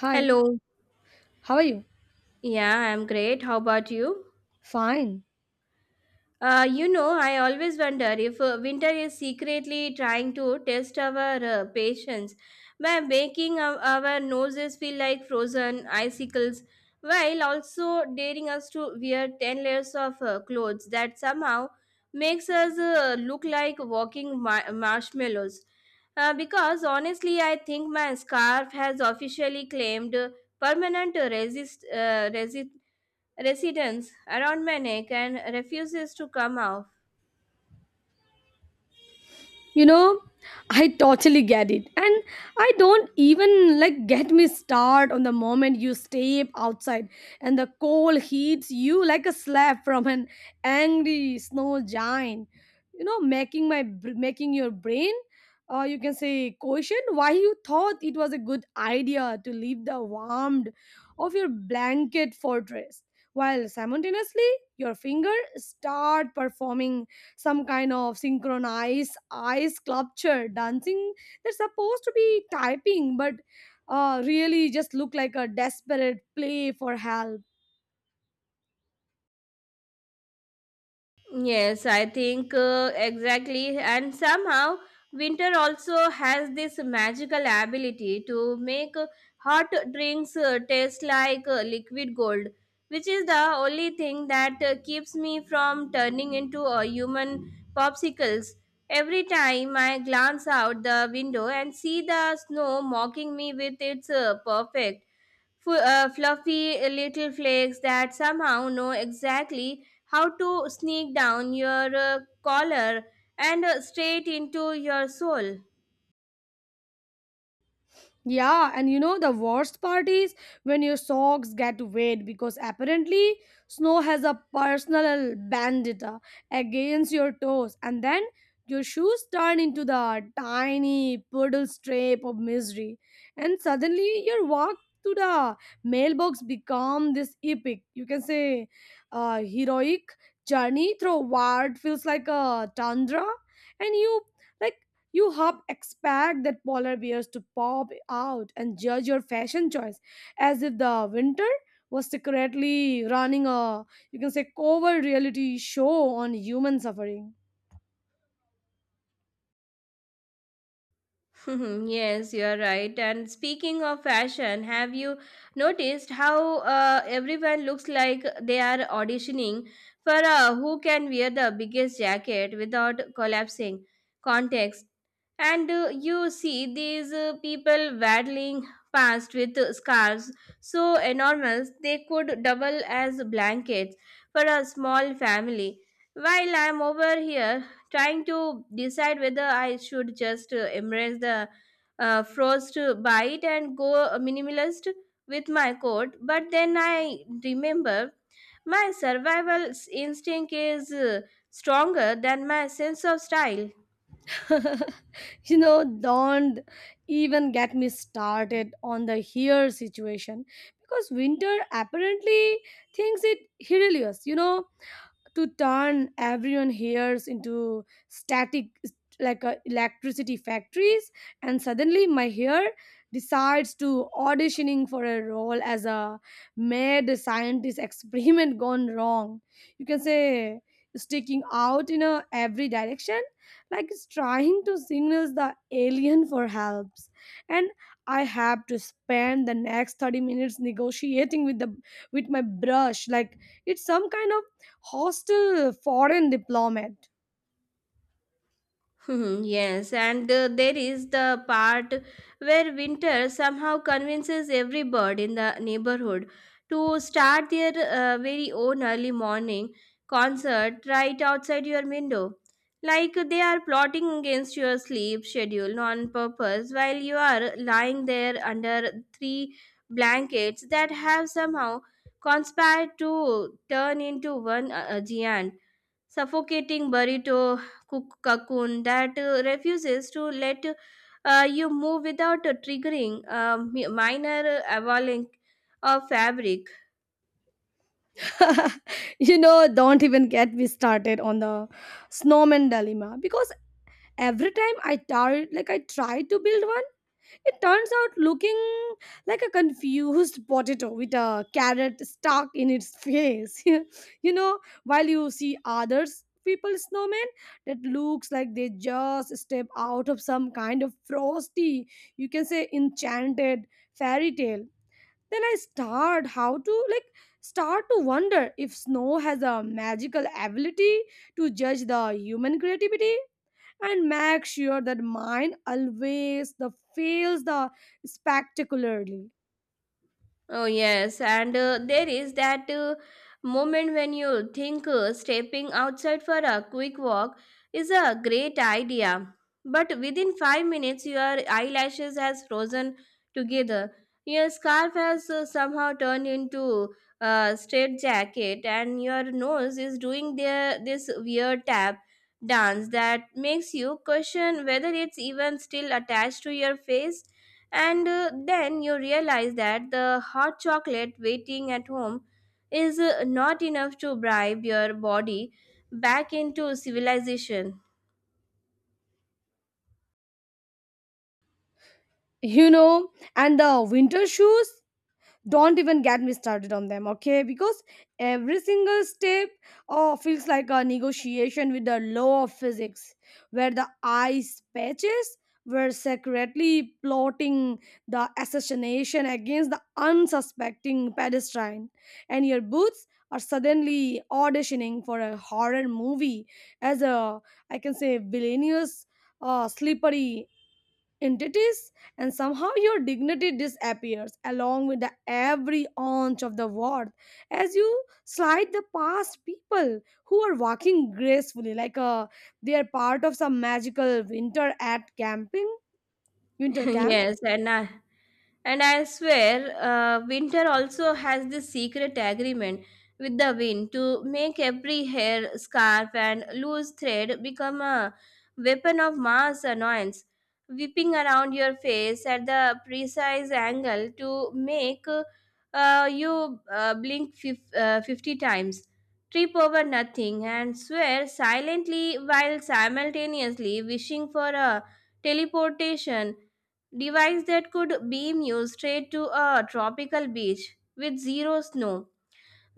Hi, Hello. how are you? Yeah, I'm great. How about you? Fine. I always wonder if winter is secretly trying to test our patience by making our noses feel like frozen icicles, while also daring us to wear 10 layers of clothes that somehow makes us look like walking marshmallows. Because honestly, I think my scarf has officially claimed permanent resist resist residents around Manek and refuses to come off. You know, I totally get it. And I don't even like get me start on the moment you step outside and the cold hits you like a slap from an angry snow giant. You know, making your brain, or you can say, question why you thought it was a good idea to leave the warmth of your blanket fortress, while simultaneously your fingers start performing some kind of synchronized ice sculpture dancing that's supposed to be typing but really just look like a desperate play for help. Yes, I think exactly. And somehow, winter also has this magical ability to make hot drinks taste like liquid gold, which is the only thing that keeps me from turning into a human popsicles. Every time I glance out the window and see the snow mocking me with its perfect fluffy little flakes that somehow know exactly how to sneak down your collar and straight into your soul. Yeah, and you know the worst part is when your socks get wet because apparently snow has a personal vendetta against your toes, and then your shoes turn into the tiny puddle strip of misery, and suddenly your walk to the mailbox become this epic, you can say, heroic journey through what feels like a tundra, and you, like, you half expect that polar bears to pop out and judge your fashion choice as if the winter was secretly running a, you can say, covert reality show on human suffering. Yes, you're right. And speaking of fashion, have you noticed how everyone looks like they are auditioning for who can wear the biggest jacket without collapsing? Context. And you see these people waddling past with scarves so enormous they could double as blankets for a small family. While I'm over here trying to decide whether I should just embrace the frost bite and go minimalist with my coat. But then I remember my instinct is stronger than my sense of style. You know, don't even get me started on the here situation, because winter apparently thinks it hilarious. You know, to turn everyone here's into static like electricity factories, and suddenly my hair decides to auditioning for a role as a mad scientist experiment gone wrong, you can say, sticking out in a every direction like it's trying to signal the alien for helps, and I have to spend the next 30 minutes negotiating with the, with my brush, like it's some kind hostile foreign diplomat. Hmm. Yes, and there is the part where Winter somehow convinces every bird in the neighborhood to start their very own early morning concert right outside your window. Like they are plotting against your sleep schedule on purpose while you are lying there under three blankets that have somehow conspired to turn into one giant suffocating burrito cook cocoon that refuses to let you move without triggering a minor avalanche of fabric. You know, don't even get me started on the snowman dilemma, because every time like I try to build one, it turns out looking like a confused potato with a carrot stuck in its face. You know, while you see others people snowmen that looks like they just step out of some kind of frosty, you can say, enchanted fairy tale. Then I start to wonder if snow has a magical ability to judge the human creativity and make sure that mine always the fails the spectacularly. Oh, yes. And there is that moment when you think stepping outside for a quick walk is a great idea. But within 5 minutes, your eyelashes has frozen together. Your scarf has somehow turned into a straight jacket, and your nose is doing this weird tap dance that makes you question whether it's even still attached to your face and then you realize that the hot chocolate waiting at home is not enough to bribe your body back into civilization. You know, and the winter shoes, don't even get me started on them, okay? Because every single step, oh, feels like a negotiation with the law of physics, where the ice patches were secretly plotting the assassination against the unsuspecting pedestrian, and your boots are suddenly auditioning for a horror movie as a, I can say, villainous, slippery entities, and somehow your dignity disappears along with the every ounce of the worth as you slide the past people who are walking gracefully like they are part of some magical winter camp. Yes, and I swear, winter also has this secret agreement with the wind to make every hair, scarf, and loose thread become a weapon of mass annoyance, whipping around your face at the precise angle to make you 50 times, trip over nothing, and swear silently while simultaneously wishing for a teleportation device that could beam you straight to a tropical beach with zero snow,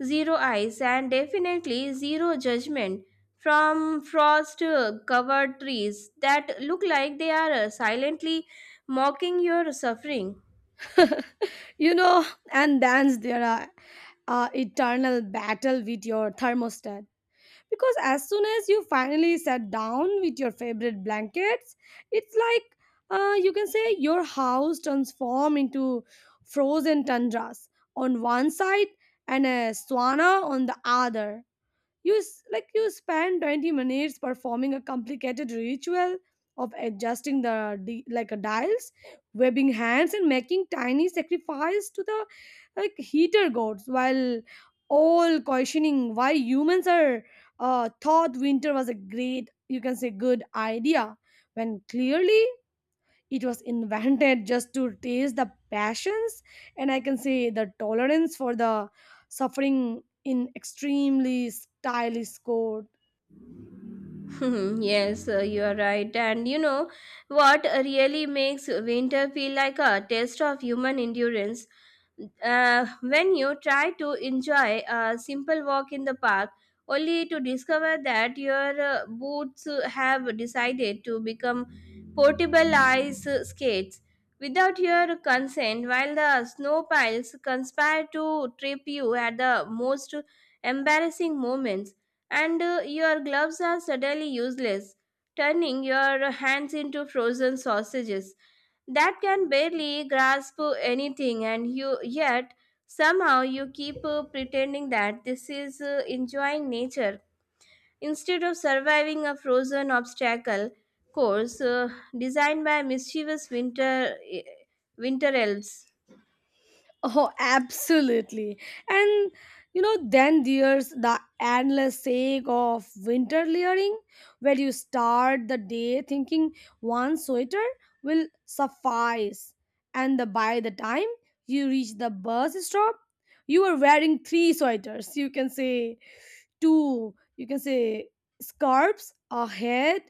zero ice, and definitely zero judgment from frost covered trees that look like they are silently mocking your suffering. You know, and dance their eternal battle with your thermostat, because as soon as you finally sat down with your favorite blankets, it's like, you can say your house transforms into frozen tundras on one side and a sauna on the other. Like, you spend 20 minutes performing a complicated ritual of adjusting the like a dials, webbing hands, and making tiny sacrifice to the, like, heater gods, while all questioning why humans are thought winter was a great, you can say, good idea, when clearly it was invented just to taste the passions and, I can say, the tolerance for the suffering in extremely stylish coat. Yes, you are right. And you know what really makes winter feel like a test of human endurance? When you try to enjoy a simple walk in the park only to discover that your boots have decided to become portable ice skates without your consent while the snow piles conspire to trip you at the most embarrassing moments and your gloves are suddenly useless turning your hands into frozen sausages that can barely grasp anything and you yet somehow you keep pretending that this is enjoying nature instead of surviving a frozen obstacle course designed by mischievous winter elves. Oh, absolutely. And you know, then there's the endless sake of winter layering, where you start the day thinking one sweater will suffice. And the, by the time you reach the bus stop, you are wearing three sweaters, you can say, two, you can say, scarves, a head,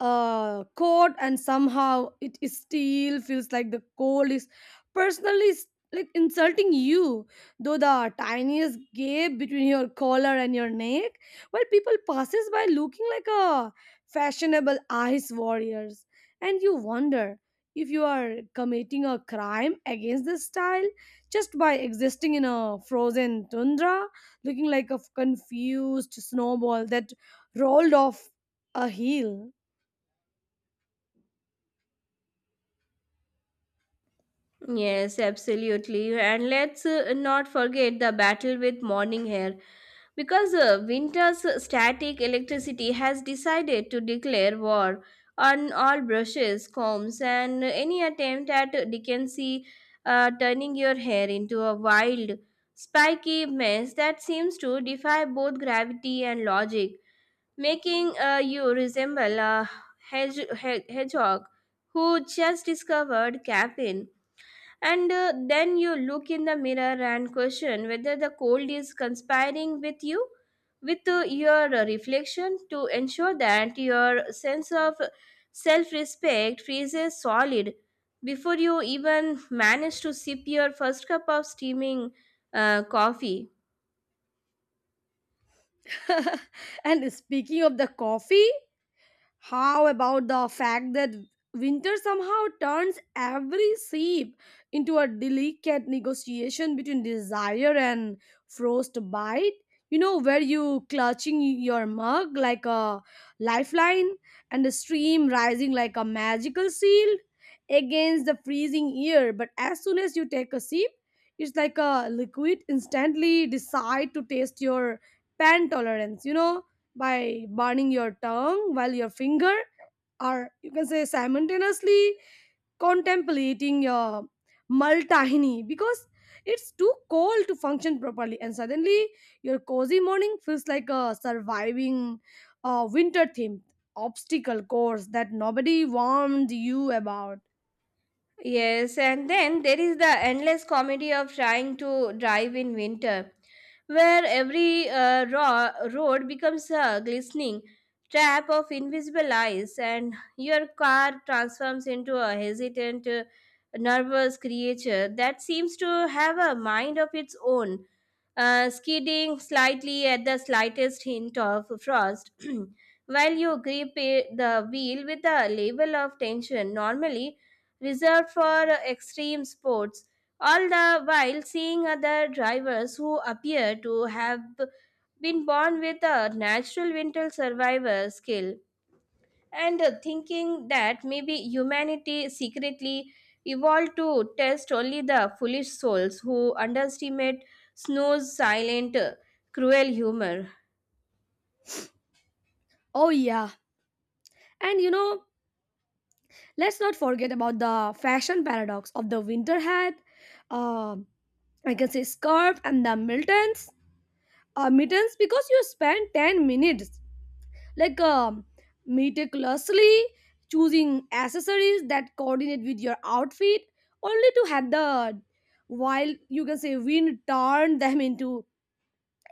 a coat, and somehow it is still feels like the cold is personally s- like insulting you though the tiniest gap between your collar and your neck, while people passes by looking like a fashionable ice warriors, and you wonder if you are committing a crime against this style just by existing in a frozen tundra, looking like a confused snowball that rolled off a hill. Yes, absolutely, and let's not forget the battle with morning hair. Because Winter's static electricity has decided to declare war on all brushes, combs, and any attempt at decency, turning your hair into a wild, spiky mess that seems to defy both gravity and logic, making you resemble a hedgehog who just discovered caffeine and then you look in the mirror and question whether the cold is conspiring with you, with your reflection, to ensure that your sense of self respect freezes solid before you even manage to sip your first cup of steaming coffee. And speaking of the coffee, how about the fact that winter somehow turns every sip into a delicate negotiation between desire and frostbite? You know, where you clutching your mug like a lifeline, and the stream rising like a magical shield against the freezing air. But as soon as you take a sip, it's like a liquid instantly decide to taste your pan tolerance, you know, by burning your tongue, while your finger are, you can say, simultaneously contemplating your maltahini because it's too cold to function properly, and suddenly your cozy morning feels like a surviving winter themed obstacle course that nobody warned you about. Yes, and then there is the endless comedy of trying to drive in winter, where every raw road becomes a glistening trap of invisible ice, and your car transforms into a hesitant, nervous creature that seems to have a mind of its own, skidding slightly at the slightest hint of frost. While you the wheel with a level of tension normally reserved for extreme sports, all the while seeing other drivers who appear to have been born with a natural winter survivor skill and thinking that maybe humanity secretly evolved to test only the foolish souls who underestimate snow's silent, cruel humor. Oh yeah, and you know, let's not forget about the fashion paradox of the winter hat, um, I can say scarf, and the mittens. Mittens, because you spend 10 minutes, like um, meticulously choosing accessories that coordinate with your outfit, only to have the, while, you can say, wind turn them into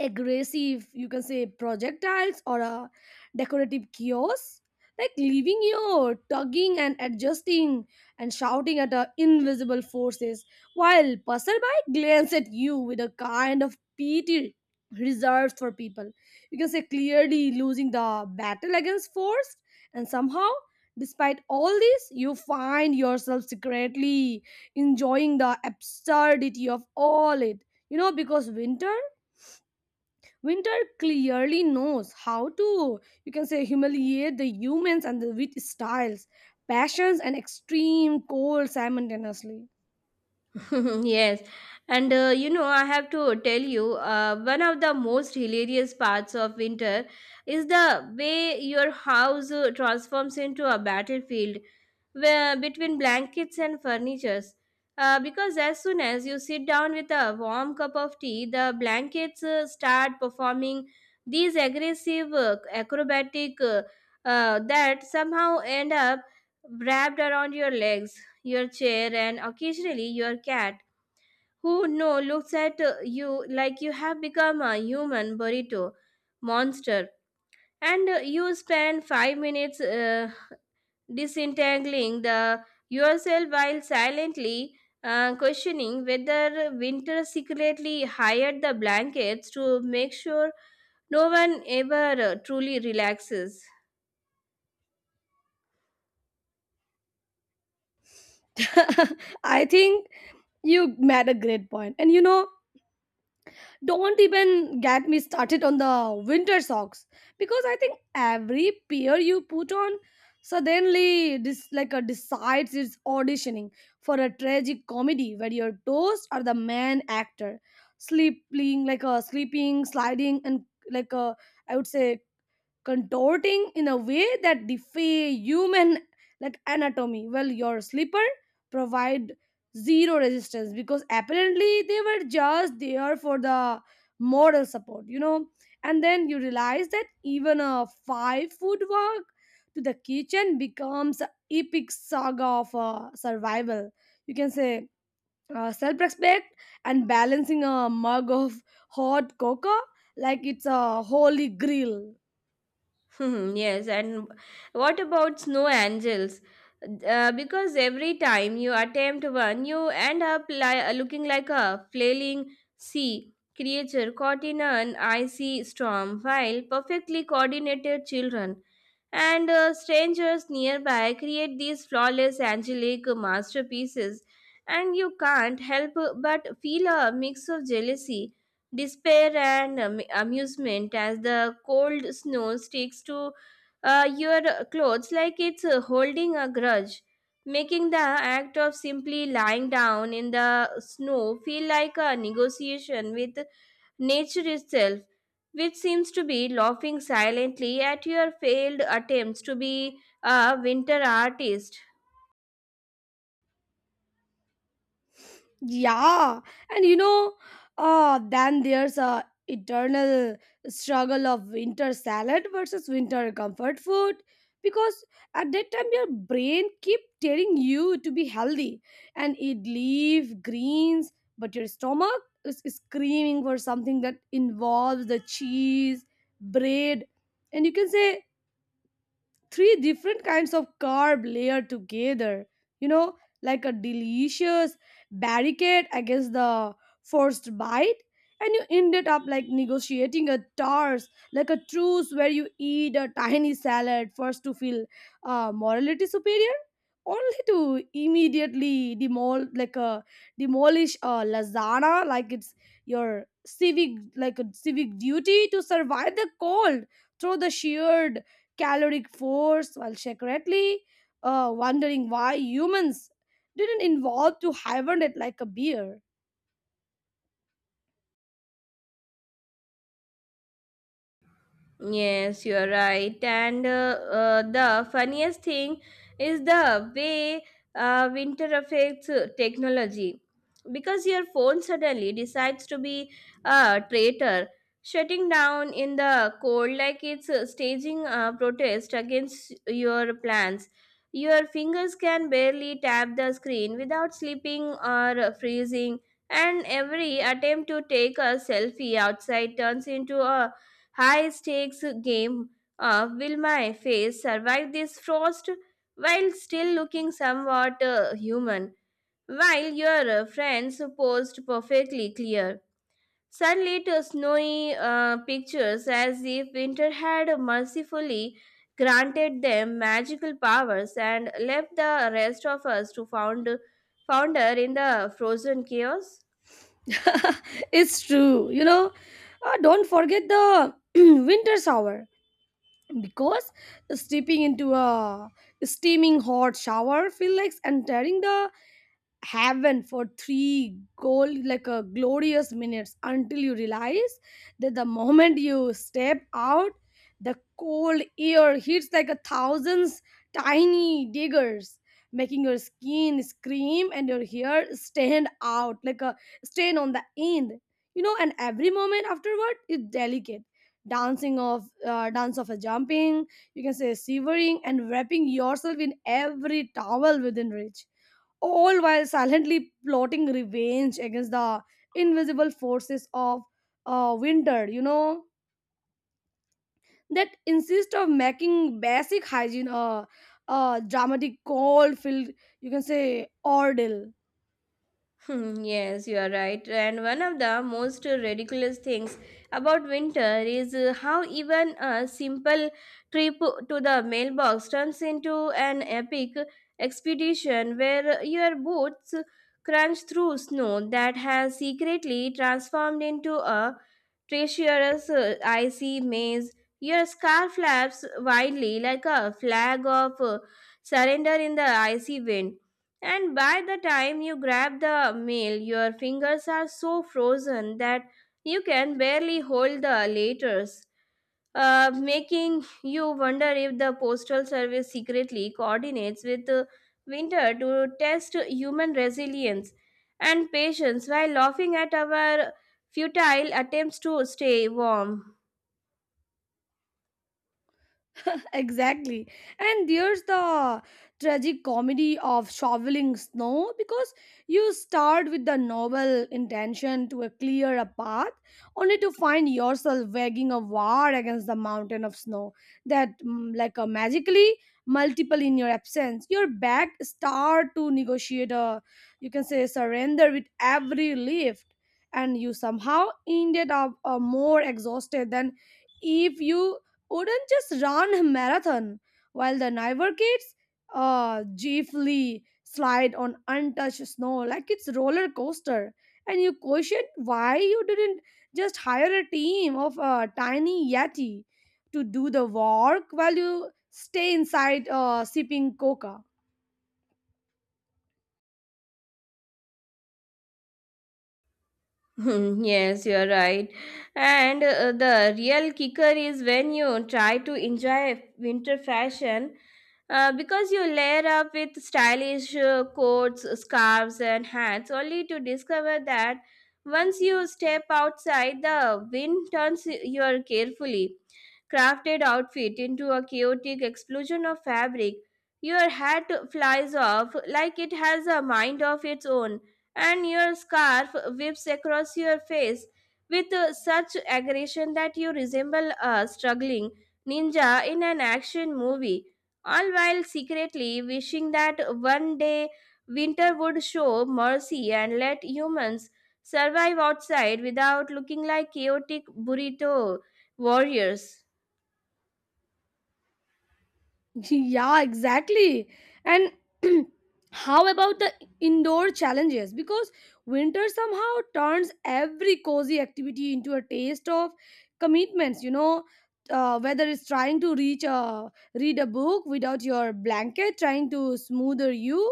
aggressive, you can say, projectiles or a decorative kiosk, like leaving you tugging and adjusting and shouting at the invisible forces, while passerby glance at you with a kind of pity reserved for people, you can say, clearly losing the battle against force. And somehow, despite all this, you find yourself secretly enjoying the absurdity of all it, you know, because Winter clearly knows how to, you can say, humiliate the humans and the wit styles, passions, and extreme cold simultaneously. Mhm. Yes, and I have to tell you, one of the most hilarious parts of winter is the way your house transforms into a battlefield where, between blankets and furnitures. Because as soon as you sit down with a warm cup of tea, the blankets start performing these aggressive acrobatic that somehow end up wrapped around your legs, your chair, and occasionally your cat who no looks at you like you have become a human burrito monster and you spend 5 minutes disentangling the yourself while silently questioning whether winter secretly hired the blankets to make sure no one ever truly relaxes. I think you made a great point. And you know, don't even get me started on the winter socks, because I think every pair you put on suddenly like a decides it's auditioning for a tragic comedy where your toes are the main actor, sleeping, sliding, and like a, I would say, contorting in a way that defy human, like, anatomy, well your slipper provide zero resistance because apparently they were just there for the moral support, you know. And then you realize that even a 5 foot walk to the kitchen becomes an epic saga of survival, you can say, self-respect, and balancing a mug of hot cocoa like it's a holy grail. Hmm, yes, and what about snow angels? Because every time you attempt one, you end up looking like a flailing sea creature caught in an icy storm, while perfectly coordinated children and strangers nearby create these flawless angelic masterpieces, and you can't help but feel a mix of jealousy despair and amusement as the cold snow sticks to your clothes like it's holding a grudge, making the act of simply lying down in the snow feel like a negotiation with nature itself, which seems to be laughing silently at your failed attempts to be a winter artist. Yeah, and you know, then there's a eternal struggle of winter salad versus winter comfort food, because at that time your brain keep telling you to be healthy and eat leaf greens, but your stomach is screaming for something that involves the cheese, bread, and, you can say, three different kinds of carb layered together, you know, like a delicious barricade against the forced bite. And you ended up like negotiating a toss, like a truce, where you eat a tiny salad first to feel morality superior, only to immediately demolish a lasagna like it's your civic like a civic duty to survive the cold through the sheer caloric force, while secretly wondering why humans didn't evolve to hibernate like a bear. Yes, you're right. And the funniest thing is the way winter affects technology. Because your phone suddenly decides to be a traitor, shutting down in the cold like it's staging a protest against your plans. Your fingers can barely tap the screen without slipping or freezing, and every attempt to take a selfie outside turns into a high stakes game of will my face survive this frost while still looking somewhat human, while your friends posed perfectly clear. Sunlit snowy pictures as if winter had mercifully granted them magical powers and left the rest of us to founder in the frozen chaos. It's true, you know. Don't forget the winter shower, because stepping into a steaming hot shower feels like entering the heaven for three goal, like a glorious minutes, until you realize that the moment you step out, the cold air hits like a thousands tiny diggers, making your skin scream and your hair stand out like a stain on the end, you know. And every moment afterward is delicate dancing of dance of a jumping, you can say, shivering, and wrapping yourself in every towel within reach, all while silently plotting revenge against the invisible forces of winter, you know, that insist of making basic hygiene a dramatic cold filled, you can say, ordeal. Hmm, yes, you are right. And one of the most ridiculous things about winter is how even a simple trip to the mailbox turns into an epic expedition where your boots crunch through snow that has secretly transformed into a treacherous icy maze. Your scarf flaps wildly like a flag of surrender in the icy wind and by the time you grab the mail, your fingers are so frozen that you can barely hold the letters, making you wonder if the postal service secretly coordinates with winter to test human resilience and patience while laughing at our futile attempts to stay warm. Exactly. And there's the tragic comedy of shoveling snow, because you start with the noble intention to clear a path, only to find yourself waging a war against the mountain of snow that like a magically multiple in your absence. Your back start to negotiate a, you can say, surrender with every lift, and you somehow ended up more exhausted than if you Odin just ran a marathon, while the Niver kids gleefully slide on untouched snow like it's roller coaster. And you question why you didn't just hire a team of tiny yeti to do the work while you stay inside sipping coca. Hmm, yes, you're right. And the real kicker is when you try to enjoy winter fashion because you layer up with stylish coats, scarves, and hats only to discover that once you step outside, the wind turns your carefully crafted outfit into a chaotic explosion of fabric. Your hat flies off like it has a mind of its own and your scarf whips across your face with such aggression that you resemble a struggling ninja in an action movie, all while secretly wishing that one day winter would show mercy and let humans survive outside without looking like chaotic burrito warriors. Yeah, exactly. And how about the indoor challenges? Because winter somehow turns every cozy activity into a taste of commitments, you know. Whether it's trying to reach a read a book without your blanket, trying to smoother you,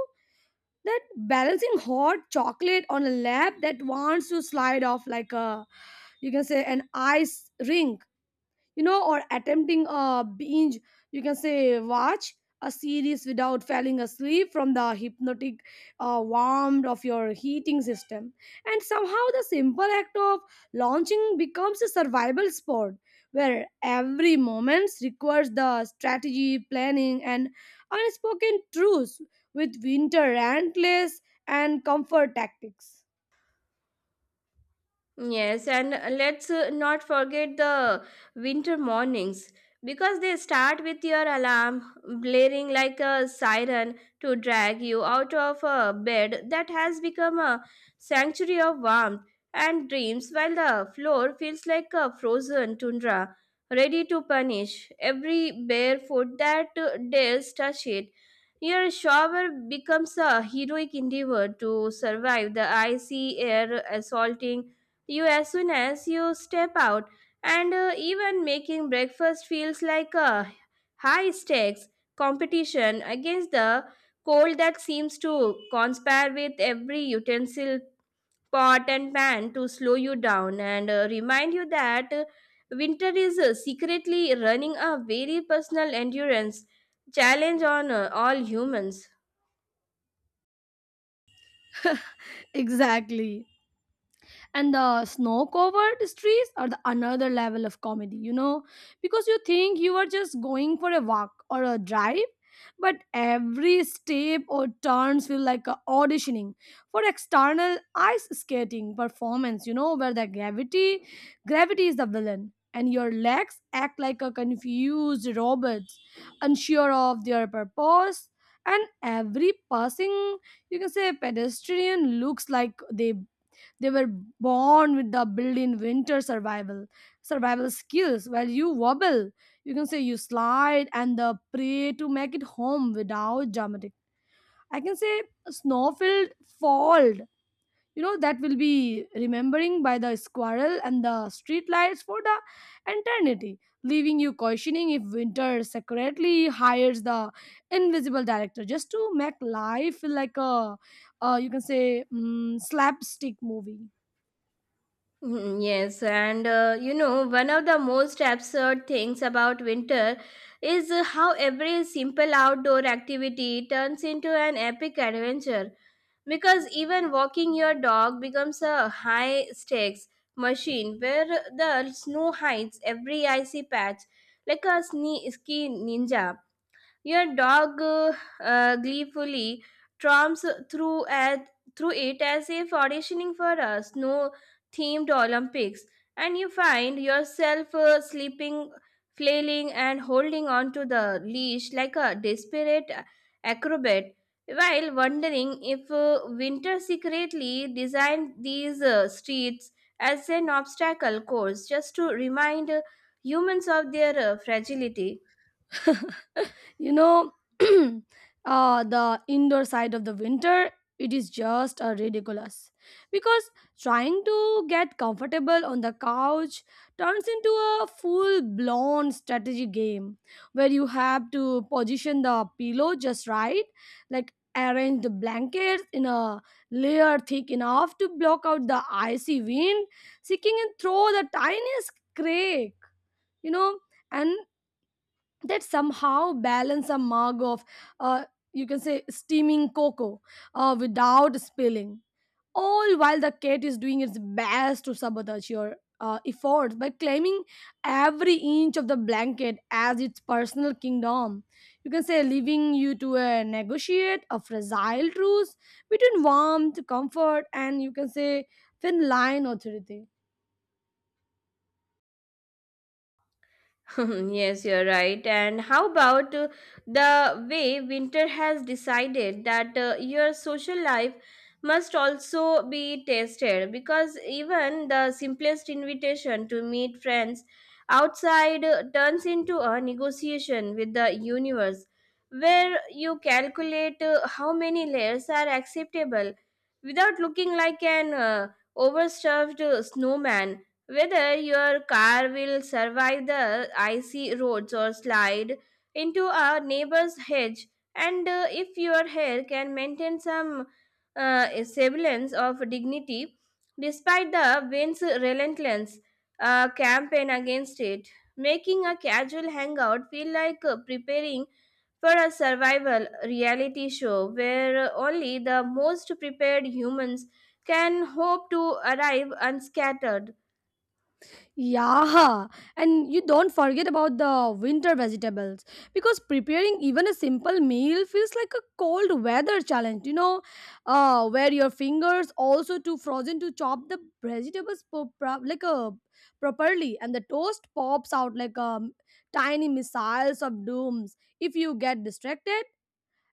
that balancing hot chocolate on a lap that wants to slide off like a, you can say, an ice rink, you know, or attempting a binge, you can say, watch a series without falling asleep from the hypnotic warmth of your heating system. And somehow the simple act of launching becomes a survival sport, where every moment requires the strategy planning and unspoken truths with winter antlers and comfort tactics. Yes, and let's not forget the winter mornings because they start with your alarm blaring like a siren to drag you out of a bed that has become a sanctuary of warmth and dreams, while the floor feels like a frozen tundra, ready to punish every bare foot that dares touch it. Your shower becomes a heroic endeavor to survive the icy air assaulting you as soon as you step out and even making breakfast feels like a high stakes competition against the cold that seems to conspire with every utensil pot and pan to slow you down and remind you that winter is secretly running a very personal endurance challenge on all humans. Exactly. And the snow covered trees are the another level of comedy, you know, because you think you are just going for a walk or a drive, but every step or turns feel like a auditioning for external ice skating performance, you know, where the gravity is the villain, and your legs act like a confused robots unsure of their purpose. And every passing, you can say, pedestrian looks like they were born with the built-in winter survival skills. While you wobble, you can say, you slide and the prey to make it home without dramatic, I can say, a snowfield fold. You know that will be remembering by the squirrel and the street lights for the eternity, leaving you questioning if winter secretly hires the invisible director just to make life feel like a, you can say, slapstick movie. Mm, yes, and one of the most absurd things about winter is how every simple outdoor activity turns into an epic adventure. Because even walking your dog becomes a high stakes machine where the snow hides every icy patch like a ski ninja. Your dog gleefully tromps through at, through it as if auditioning for a snow-themed Olympics, and you find yourself sleeping, flailing, and holding onto the leash like a desperate acrobat, while wondering if Winter secretly designed these streets as an obstacle course just to remind humans of their fragility. You know, the indoor side of the winter, it is just ridiculous, because trying to get comfortable on the couch turns into a full blown strategy game, where you have to position the pillow just right, like arrange the blankets in a layer thick enough to block out the icy wind seeking and throw the tiniest crack, you know. And that somehow balance a mug of uh, you can say steaming cocoa without spilling, all while the cat is doing its best to sabotage your efforts by claiming every inch of the blanket as its personal kingdom, you can say, leaving you to negotiate a fragile truce between warmth, comfort, and, you can say, thin line authority. Yes, you're right. And how about the way winter has decided that your social life must also be tested? Because even the simplest invitation to meet friends outside turns into a negotiation with the universe, where you calculate how many layers are acceptable without looking like an overstuffed snowman whether your car will survive the icy roads or slide into a neighbor's hedge, and if your hair can maintain some semblance of dignity despite the wind's relentless campaign against it, making a casual hangout feel like preparing for a survival reality show where only the most prepared humans can hope to arrive unscattered. Yeah, and you don't forget about the winter vegetables, because preparing even a simple meal feels like a cold weather challenge, you know, where your fingers also too frozen to chop the vegetables like a properly, and the toast pops out like tiny missiles of dooms if you get distracted.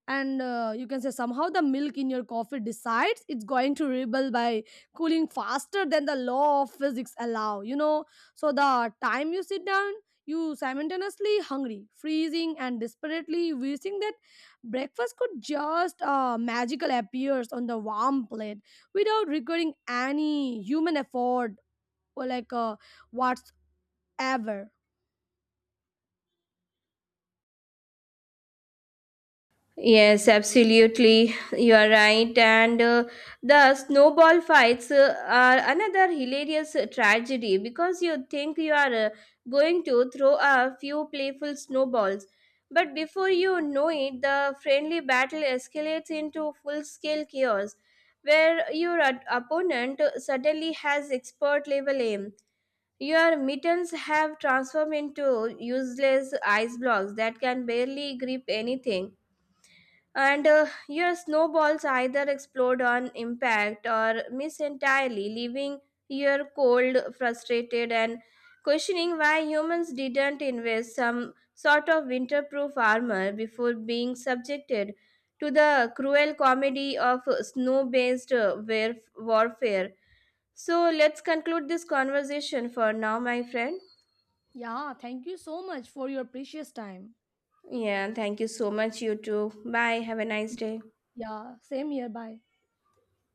And you can say somehow the milk in your coffee decides it's going to rebel by cooling faster than the law of physics allow, you know. So the time you sit down, you simultaneously hungry, freezing, and desperately wishing that breakfast could just magical appears on the warm plate without requiring any human effort or whatsoever. Yes, absolutely. You are right. And the snowball fights are another hilarious tragedy because you think you are going to throw a few playful snowballs. But before you know it, the friendly battle escalates into full scale chaos where your opponent suddenly has expert level aim. Your mittens have transformed into useless ice blocks that can barely grip anything and your snowballs either explode on impact or miss entirely, leaving you cold, frustrated, and questioning why humans didn't invest some sort of winterproof armor before being subjected to the cruel comedy of snow based warfare. So, let's conclude this conversation for now, my friend. Yeah, thank you so much for your precious time. Yeah, thank you so much, you too. Bye. Have a nice day. Yeah, same here, bye.